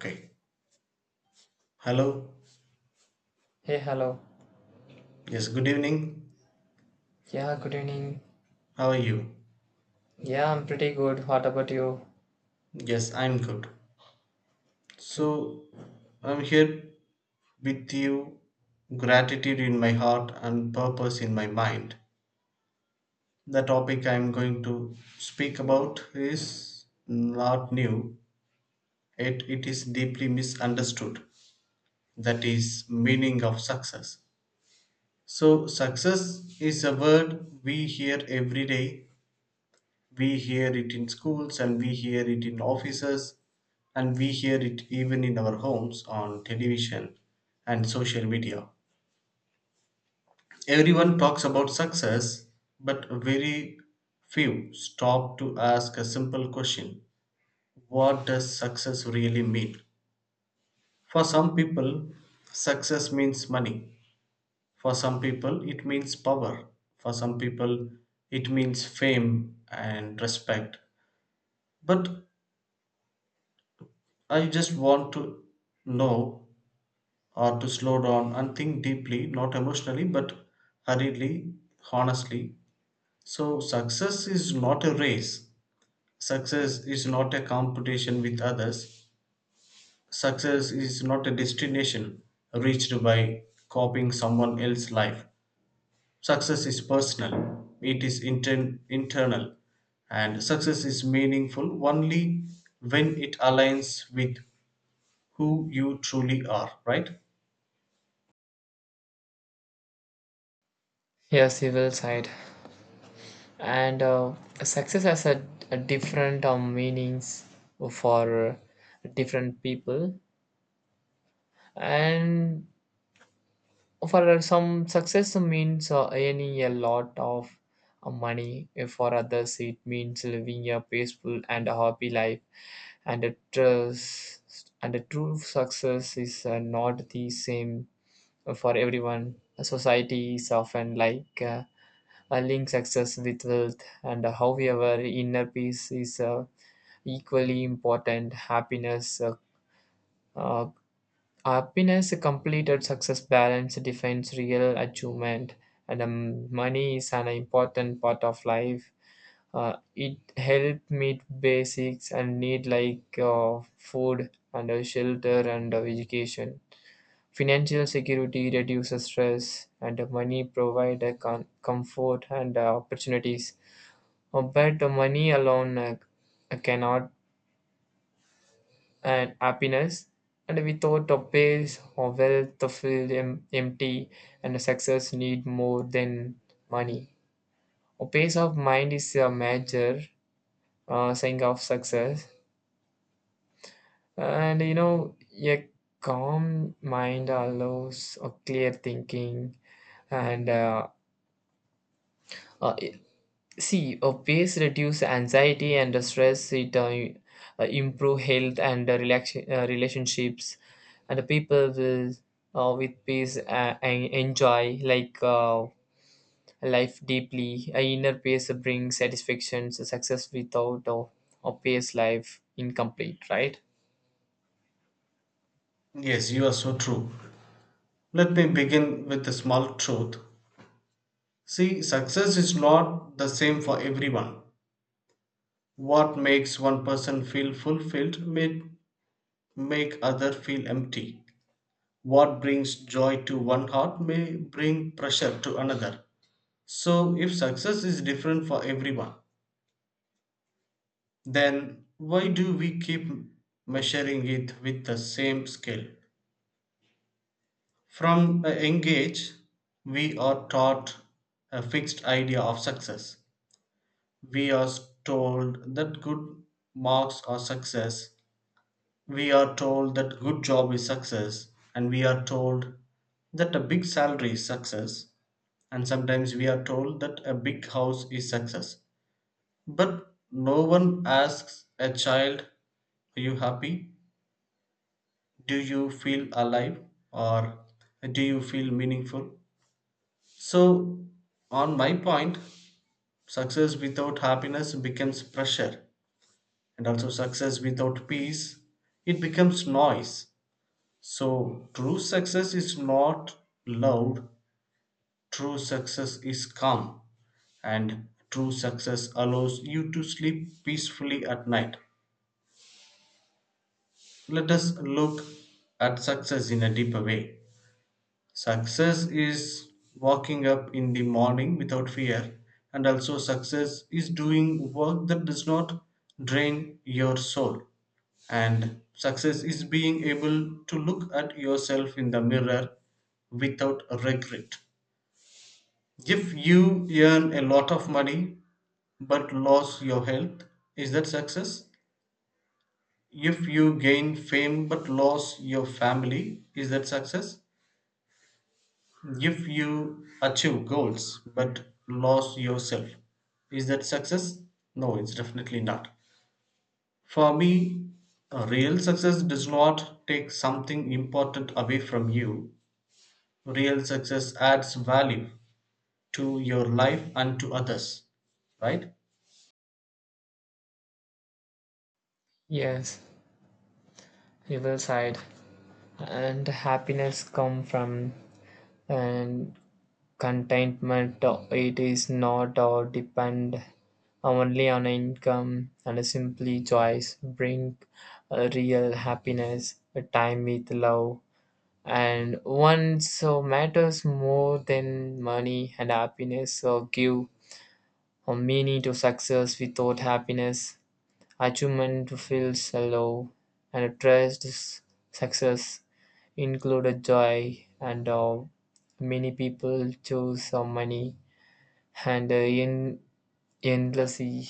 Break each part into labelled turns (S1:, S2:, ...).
S1: Okay. Hello.
S2: Hey, hello.
S1: Yes, good evening.
S2: Yeah, good evening.
S1: How are you?
S2: Yeah, I'm pretty good. What about you?
S1: Yes, I'm good.
S2: Okay.
S1: So, I'm here with you, gratitude in my heart and purpose in my mind. The topic I'm going to speak about is not new, yet it is deeply misunderstood. That is, meaning of success. So, success is a word we hear every day. We hear it in schools and we hear it in offices and we hear it even in our homes on television and social media. Everyone talks about success, but very few stop to ask a simple question: what does success really mean? For some people, success means money. For some people, it means power. For some people, it means fame and respect. But I just want to know or to slow down and think deeply, not emotionally, but hurriedly, honestly. So, success is not a race. Success is not a competition with others. Success is not a destination reached by copying someone else's life. Success is personal, it is internal, and success is meaningful only when it aligns with who you truly are, right?
S2: Yes, civil side. And success has a different meanings for different people. And for some, success means earning a lot of money. For others, it means living a peaceful and a happy life. And a trust and a true success is not the same for everyone. Society is often like link success with wealth, and however, inner peace is equally important. Happiness, uh, happiness, completed success balance defines real achievement, and money is an important part of life. It help meet basics and need like food and shelter and education. Financial security reduces stress, and the money provides a comfort and opportunities. But the money alone cannot and happiness. And without a base or wealth, to feel empty, and the success need more than money. A pace of mind is a major sign of success, and you know a calm mind allows a clear thinking and uh, see, pace reduce anxiety and stress. It improve health and relationships, and the people will with pace enjoy like life deeply. A inner pace brings satisfaction. So success without a pace life incomplete. Right?
S1: Yes, you are so true. Let me begin with a small truth. See, success is not the same for everyone. What makes one person feel fulfilled may make other feel empty. What brings joy to one heart may bring pressure to another. So, if success is different for everyone, then why do we keep measuring it with the same scale? From a young age, we are taught a fixed idea of success. We are told that good marks are success. We are told that good job is success. And we are told that a big salary is success. And sometimes we are told that a big house is success. But no one asks a child, are you happy? Do you feel alive? Or do you feel meaningful? So, on my point, success without happiness becomes pressure, and also success without peace, it becomes noise. So, true success is not loud, true success is calm, and true success allows you to sleep peacefully at night. Let us look at success in a deeper way. Success is walking up in the morning without fear, and also success is doing work that does not drain your soul. And success is being able to look at yourself in the mirror without regret. If you earn a lot of money but lose your health, is that success? If you gain fame but lose your family, is that success? If you achieve goals but lose yourself, is that success? No, it's definitely not. For me, real success does not take something important away from you. Real success adds value to your life and to others, right?
S2: Yes, you will side. And happiness come from and contentment. It is not or depend only on income and simply choice bring real happiness, a time with love, and one so matters more than money and happiness. So give a meaning to success without happiness, achievement feels low, and trust is success include a joy and many people choose money and endlessly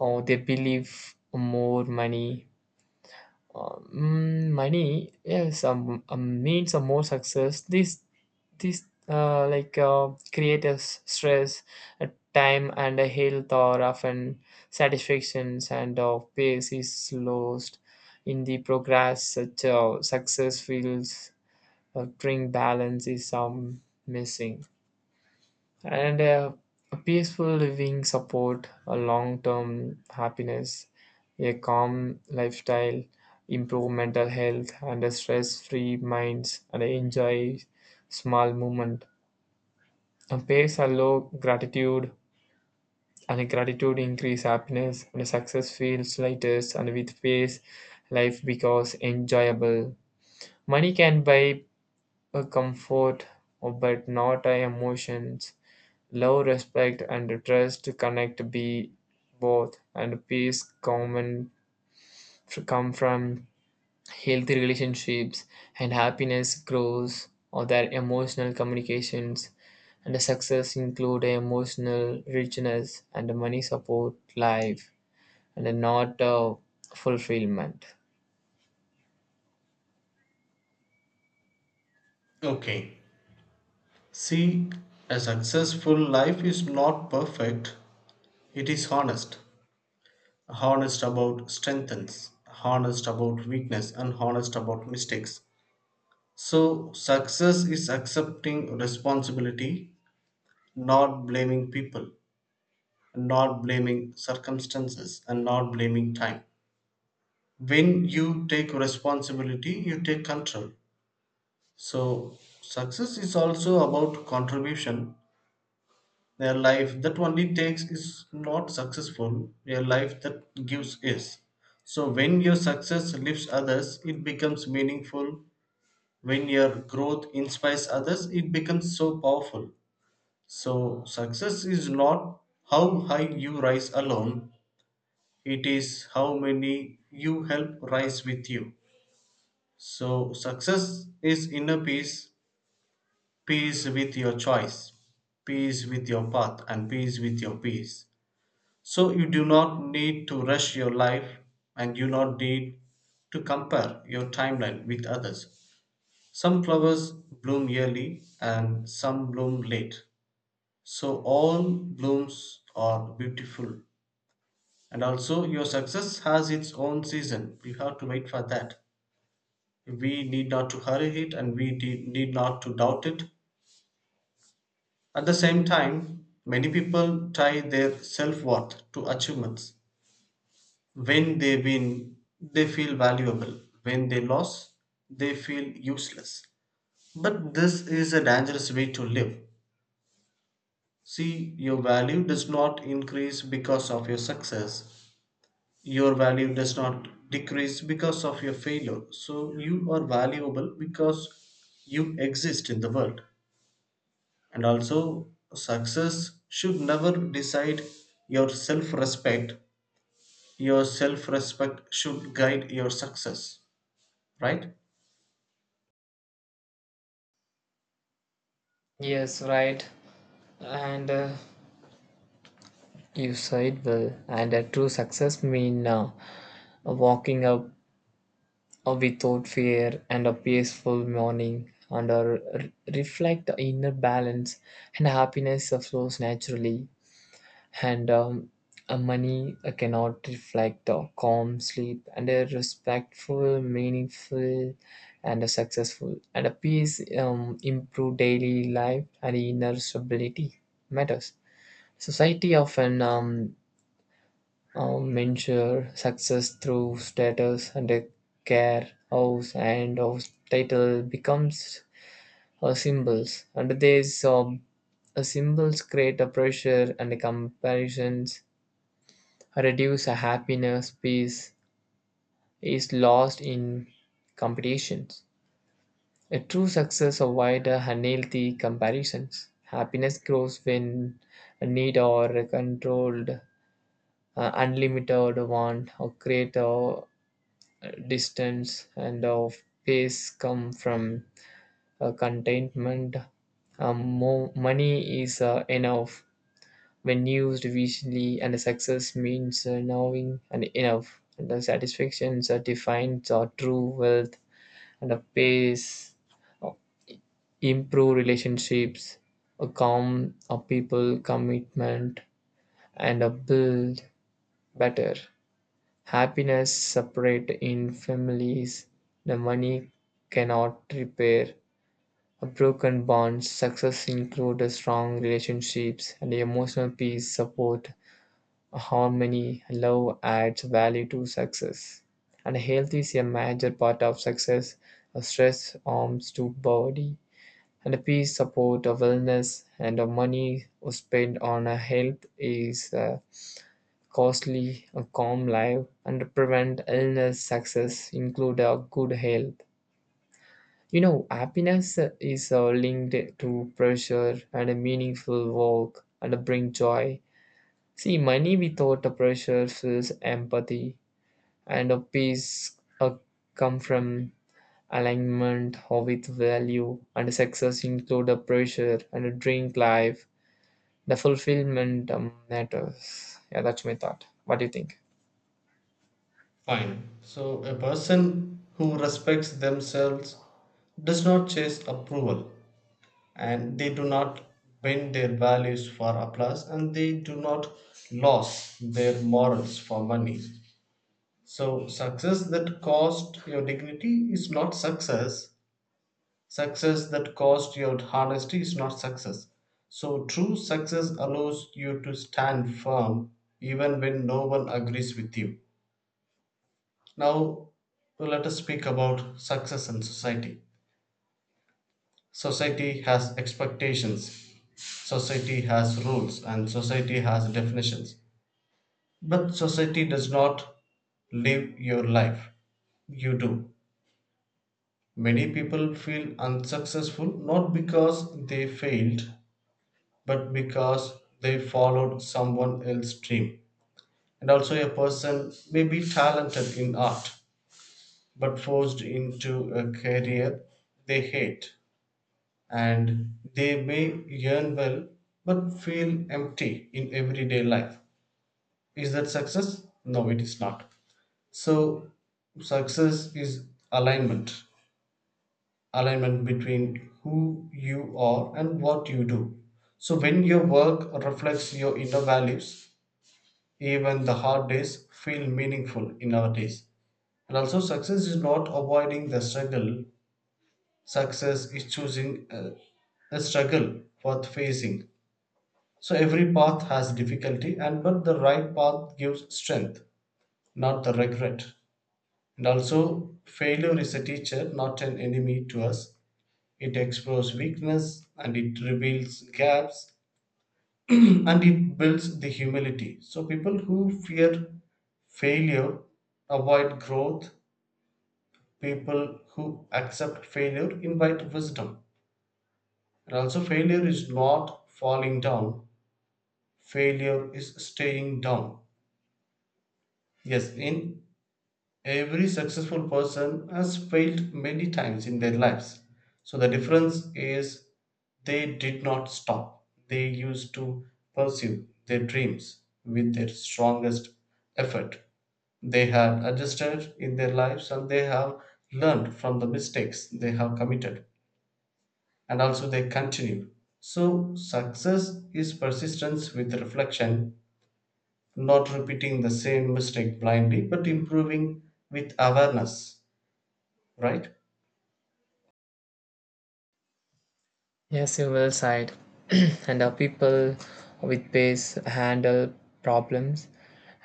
S2: or they believe more money. Money yes means a more success this like create stress time and a health or often satisfactions and of pace is lost in the progress such success feels bring balance is missing and a peaceful living support a long-term happiness, a calm lifestyle improve mental health and a stress-free minds and enjoy small movement and pays allow gratitude and a gratitude increase happiness and a success feels lighter and with pace life becomes enjoyable. Money can buy a comfort but not a emotions. Love, respect, and trust connect be both, and peace common come from healthy relationships, and happiness grows or their emotional communications, and the success include emotional richness and money support life, and not fulfillment.
S1: Okay. See, a successful life is not perfect, it is honest. Honest about strengths, honest about weakness, and honest about mistakes. So, success is accepting responsibility, not blaming people, not blaming circumstances, and not blaming time. When you take responsibility, you take control. So, success is also about contribution. A life that only takes is not successful, a life that gives is. So, when your success lifts others, it becomes meaningful. When your growth inspires others, it becomes so powerful. So, success is not how high you rise alone, it is how many you help rise with you. So, success is inner peace, peace with your choice, peace with your path, and peace with your peace. So, you do not need to rush your life and you not need to compare your timeline with others. Some flowers bloom early and some bloom late. So all blooms are beautiful. And also, your success has its own season. We have to wait for that. We need not to hurry it and we need not to doubt it. At the same time, many people tie their self worth to achievements. When they win, they feel valuable. When they lose, they feel useless. But this is a dangerous way to live. See, your value does not increase because of your success, your value does not decrease because of your failure, so you are valuable because you exist in the world. And also success should never decide your self respect. Your self respect should guide your success, right?
S2: Yes, right. And you said well. And a true success mean walking up without fear and a peaceful morning and reflect the inner balance and happiness that flows naturally and money cannot reflect the calm sleep and a respectful meaningful and a successful and a peace improve daily life and inner stability matters. Society often measure success through status and a care house and house title becomes symbols and these symbols create a pressure and a comparisons reduce a happiness peace is lost in competitions. A true success avoids unhealthy comparisons. Happiness grows when a need or a controlled unlimited want or create a distance and of pace come from contentment. Money is enough when used wisely, and success means knowing and enough. And the satisfactions are defined our true wealth, and a pace improve relationships, a calm a people commitment, and a build better. Happiness separate in families, the money cannot repair a broken bonds. Success include strong relationships and emotional peace, support, harmony, love adds value to success. And health is a major part of success. Stress harms to body, and peace support wellness, and money spent on health is costly, a calm life, and prevent illness success include a good health. You know, happiness is linked to pressure and a meaningful work and bring joy. See, money without a pressure feels empathy, and a peace come from alignment of its value, and success include a pressure and a drink life. The fulfillment matters. Yeah, that's my thought. What do you think?
S1: Fine. So a person who respects themselves does not chase approval and they do not bend their values for applause and they do not lose their morals for money. So success that cost your dignity is not success, success that cost your honesty is not success. So true success allows you to stand firm even when no one agrees with you. Now let us speak about success in society. Society has expectations. Society has rules and society has definitions. But society does not live your life. You do. Many people feel unsuccessful not because they failed, but because they followed someone else's dream. And also, a person may be talented in art, but forced into a career they hate. And they may earn well, but feel empty in everyday life. Is that success? No, it is not. So, success is alignment, alignment between who you are and what you do. So, when your work reflects your inner values, even the hard days feel meaningful in our days. And also, success is not avoiding the struggle, success is choosing a struggle worth facing. So, every path has difficulty, and but the right path gives strength, not the regret. And also, failure is a teacher, not an enemy to us. It explores weakness and it reveals gaps and it builds the humility. So, people who fear failure avoid growth, people who accept failure invite wisdom. And also, failure is not falling down, failure is staying down. Yes, in every successful person has failed many times in their lives. So the difference is they did not stop. They used to pursue their dreams with their strongest effort. They had adjusted in their lives and they have learned from the mistakes they have committed. And also they continue. So success is persistence with reflection, not repeating the same mistake blindly, but improving with awareness, right?
S2: Yes, you well said. And our people with pace handle problems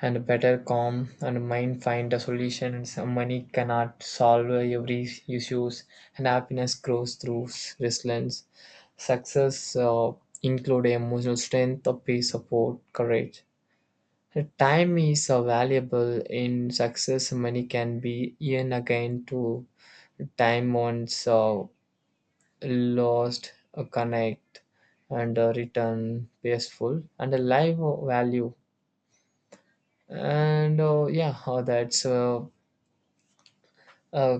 S2: and a better calm and mind find a solution and some money cannot solve every issues and happiness grows through resilience. Success include emotional strength, of peace, support, courage. The time is valuable in success. Money can be earned again to time once. Lost, connect, and return peaceful and a live value. And yeah, that's uh,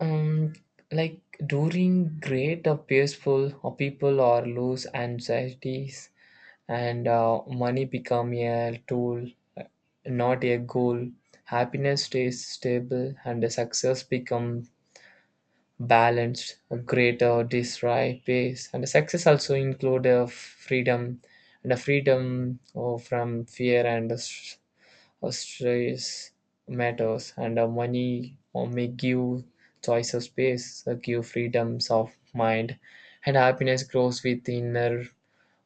S2: um, like during great or peaceful or people or lose anxieties and money become a tool, uh, not a goal. Happiness stays stable and the success become balanced, a greater desire pace, and success also include a freedom and a freedom from fear and a stress matters, and a money or may give choice of space, give freedoms of mind, and happiness grows with inner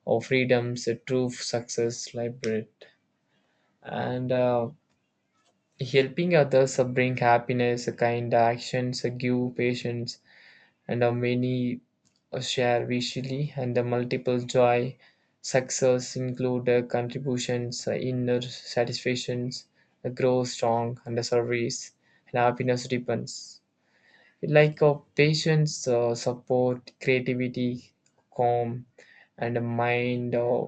S2: or freedoms. A true success library and. Helping others bring happiness kind actions give patience and how many share visually and the multiple joy success include contributions inner satisfactions grow strong and the service and happiness depends like of patience support creativity calm and the mind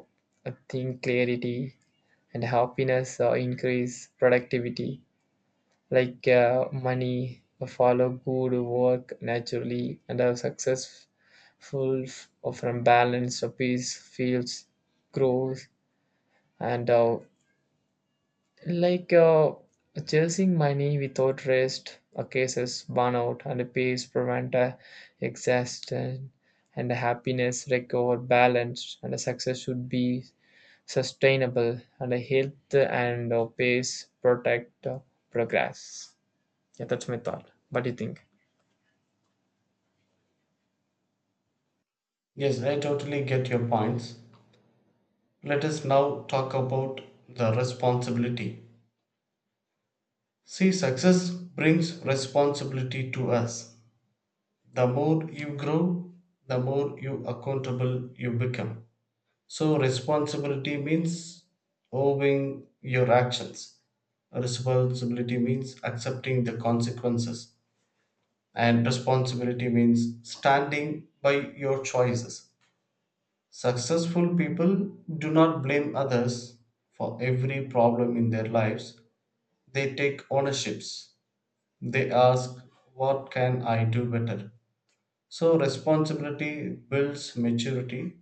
S2: think clarity and happiness increase productivity like money, follow good work naturally, and are successful from balance, peace, fields, growth, and like chasing money without rest, cases burnout, and peace prevent exhaustion, and happiness recover balance, and success should be sustainable, and health and pace protect progress. Yeah, that's my thought. What do you think?
S1: Yes, I totally get your points. Let us now talk about the responsibility. See, success brings responsibility to us. The more you grow, the more you accountable you become. So responsibility means owing your actions. Responsibility means accepting the consequences. And responsibility means standing by your choices. Successful people do not blame others for every problem in their lives. They take ownerships. They ask, what can I do better? So, responsibility builds maturity,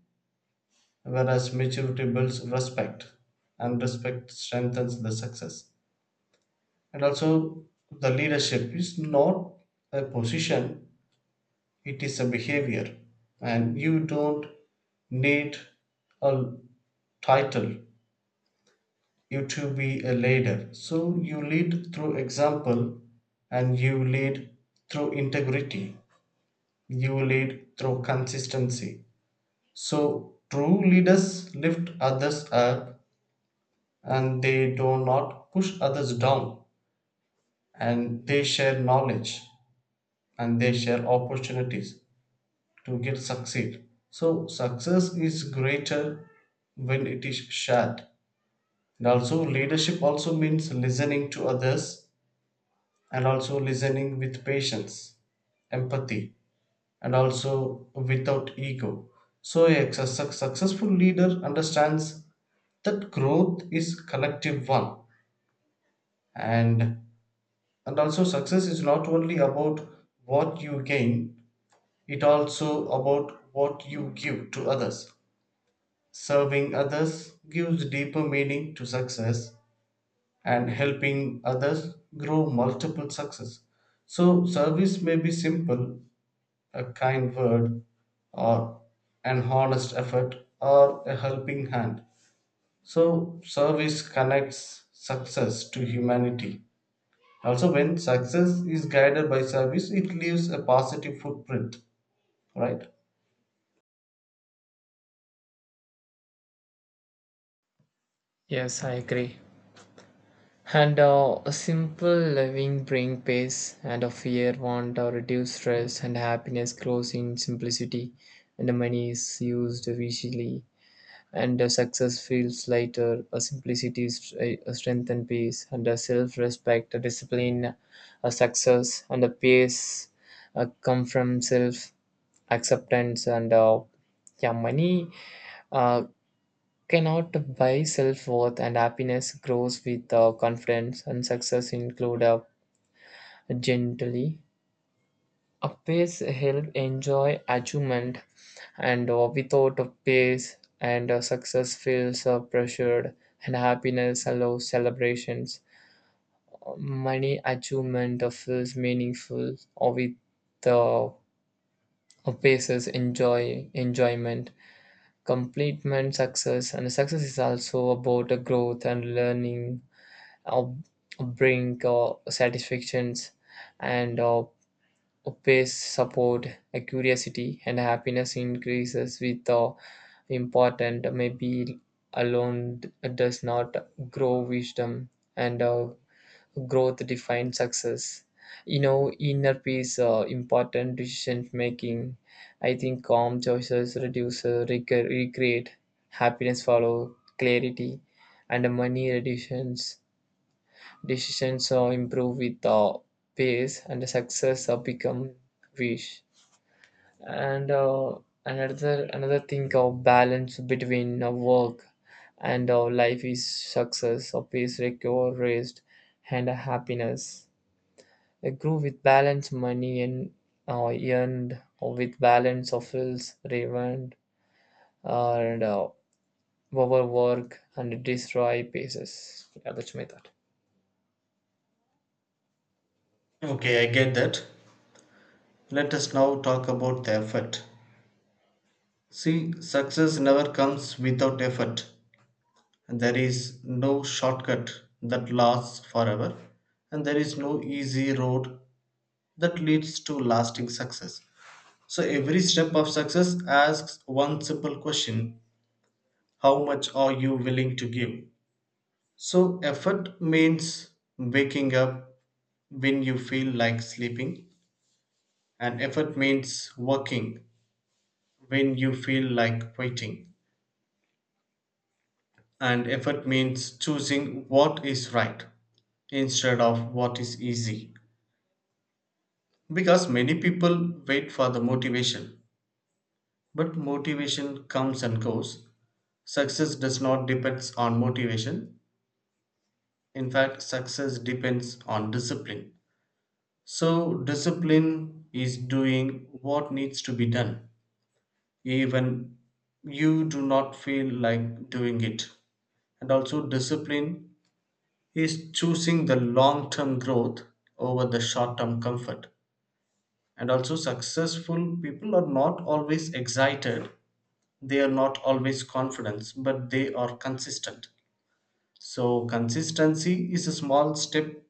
S1: whereas maturity builds respect, and respect strengthens the success. And also, the leadership is not a position, it is a behavior. And you don't need a title you to be a leader. So you lead through example and you lead through integrity. You lead through consistency. So true leaders lift others up and they do not push others down and they share knowledge and they share opportunities to get succeed. So success is greater when it is shared. And also leadership also means listening to others and also listening with patience, empathy, and also without ego. So, a successful leader understands that growth is collective one, and and also success is not only about what you gain, it also about what you give to others. Serving others gives deeper meaning to success, and helping others grow multiple success. So, service may be simple, a kind word or an honest effort or a helping hand. So, service connects success to humanity. Also, when success is guided by service, it leaves a positive footprint, right?
S2: Yes, I agree. And a simple living bring peace and a fear want or reduce stress and happiness grows in simplicity and the money is used wisely and the success feels lighter. A simplicity is a strength and peace and a self-respect, a discipline, a success and a peace come from self-acceptance and yeah, money uh, cannot buy self worth and happiness grows with confidence and success include gently. A pace help enjoy achievement and without a pace and success feels pressured and happiness allows celebrations. Money achievement feels meaningful or with uh, a paces enjoy enjoyment. Completement success and success is also about growth and learning uh, bring satisfactions and pace support a curiosity and happiness increases with important maybe alone does not grow wisdom and growth defines success. You know, inner peace important decision making. I think calm choices reduce recreate happiness follow clarity and money reductions. Decisions improve with pace, and the success become wish. And another thing of balance between work and life is success, or peace, recover, rest, and happiness. I grew with balance money and earned or with balance of wills, revenge, and overwork and destroy pieces. Yeah, that's my thought.
S1: Okay, I get that. Let us now talk about the effort. See, success never comes without effort. There is no shortcut that lasts forever, and there is no easy road that leads to lasting success. So every step of success asks one simple question: how much are you willing to give? So effort means waking up when you feel like sleeping, and effort means working when you feel like waiting, and effort means choosing what is right instead of what is easy. Because many people wait for the motivation, but motivation comes and goes. Success does not depend on motivation. In fact, success depends on discipline. So, discipline is doing what needs to be done, even you do not feel like doing it. And also, discipline is choosing the long term growth over the short term comfort. And also, successful people are not always excited, they are not always confident, but they are consistent. So, consistency is a small step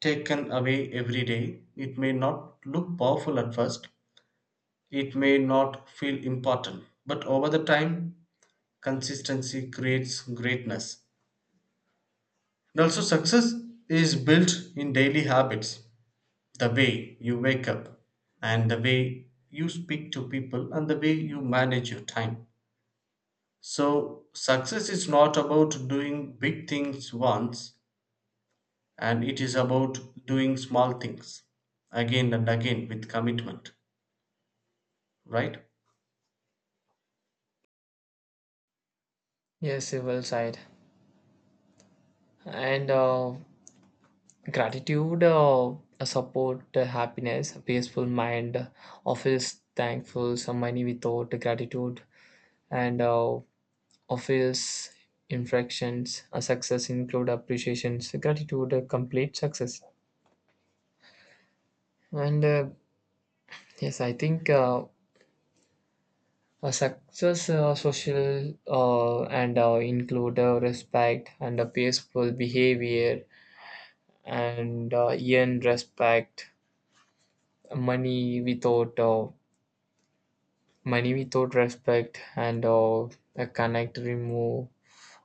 S1: taken away every day. It may not look powerful at first, it may not feel important, but over the time, consistency creates greatness. And also, success is built in daily habits, the way you wake up, and the way you speak to people, and the way you manage your time. So, success is not about doing big things once, and it is about doing small things again and again with commitment, right?
S2: Yes, you well said. And gratitude support happiness, a peaceful mind, office thankful, some money without gratitude, and office infractions. A success include appreciations, gratitude, complete success, and yes, I think. A success social and include respect and a peaceful behavior and earn respect money without minimizate respect and a connect, remove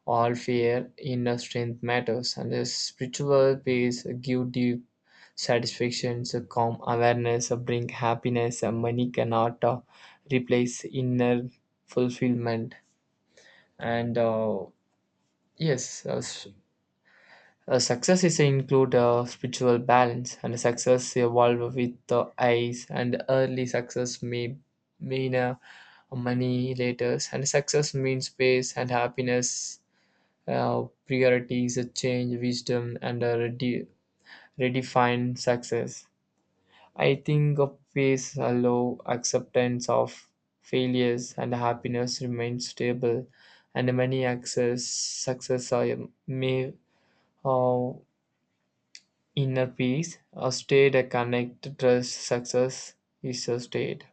S2: all fear, inner strength matters, and a spiritual peace give deep satisfaction, a calm awareness, bring happiness, money cannot replace inner fulfillment. And yes, success is include spiritual balance and success evolve with the eyes and early success may mean money later and success means space and happiness priorities change wisdom and redefine success. I think of peace allow acceptance of failures and happiness remains stable and many access success may uh, inner peace, a state a connect, trust success is a state.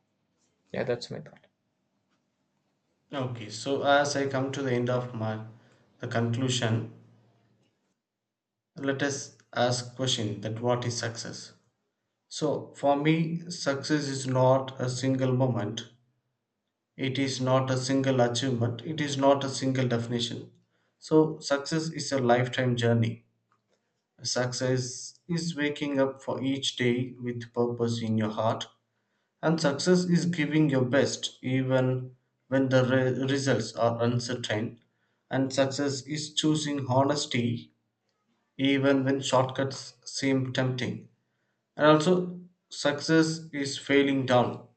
S2: Yeah, that's my thought.
S1: Okay, so as I come to the end of my the conclusion, let us ask question that what is success? So for me, success is not a single moment. It is not a single achievement. It is not a single definition. So success is a lifetime journey. Success is waking up for each day with purpose in your heart. And success is giving your best even when the results are uncertain. And success is choosing honesty even when shortcuts seem tempting. And also, success is failing down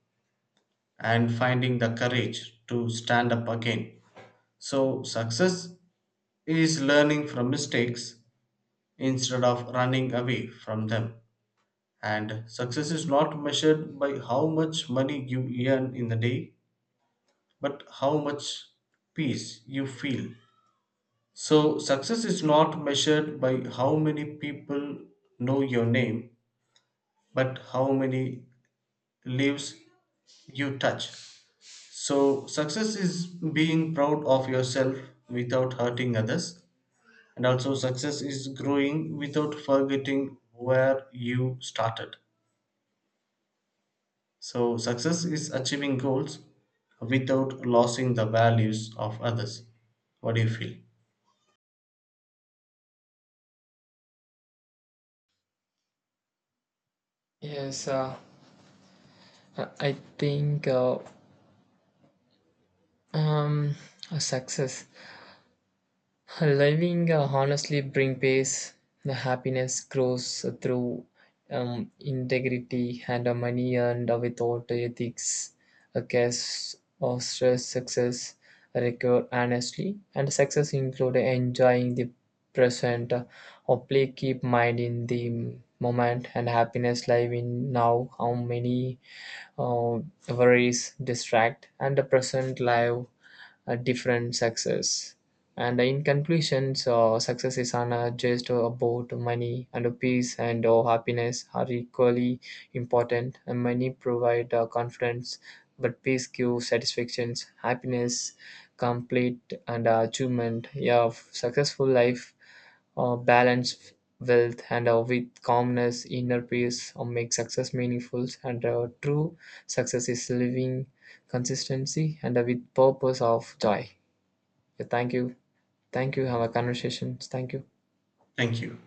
S1: and finding the courage to stand up again. So, success is learning from mistakes instead of running away from them. And success is not measured by how much money you earn in a day but how much peace you feel. So, success is not measured by how many people know your name, but how many lives you touch. So, success is being proud of yourself without hurting others, and also success is growing without forgetting where you started. So, success is achieving goals without losing the values of others. What do you feel?
S2: Yes, I think um, success living honestly bring peace. The happiness grows through integrity and money and without ethics, a case or stress, success recur honestly. And success include enjoying the present or play keep mind in the moment and happiness live in now how many uh, worries distract and the present life a different success. And in conclusion, so success is not just about money and peace and happiness are equally important. And money provide confidence, but peace gives satisfactions, happiness, complete and achievement. Yeah, successful life balance wealth and with calmness inner peace or make success meaningful and true success is living consistency and with purpose of joy. Yeah, thank you. Thank you. Have a conversation. Thank you.
S1: Thank you.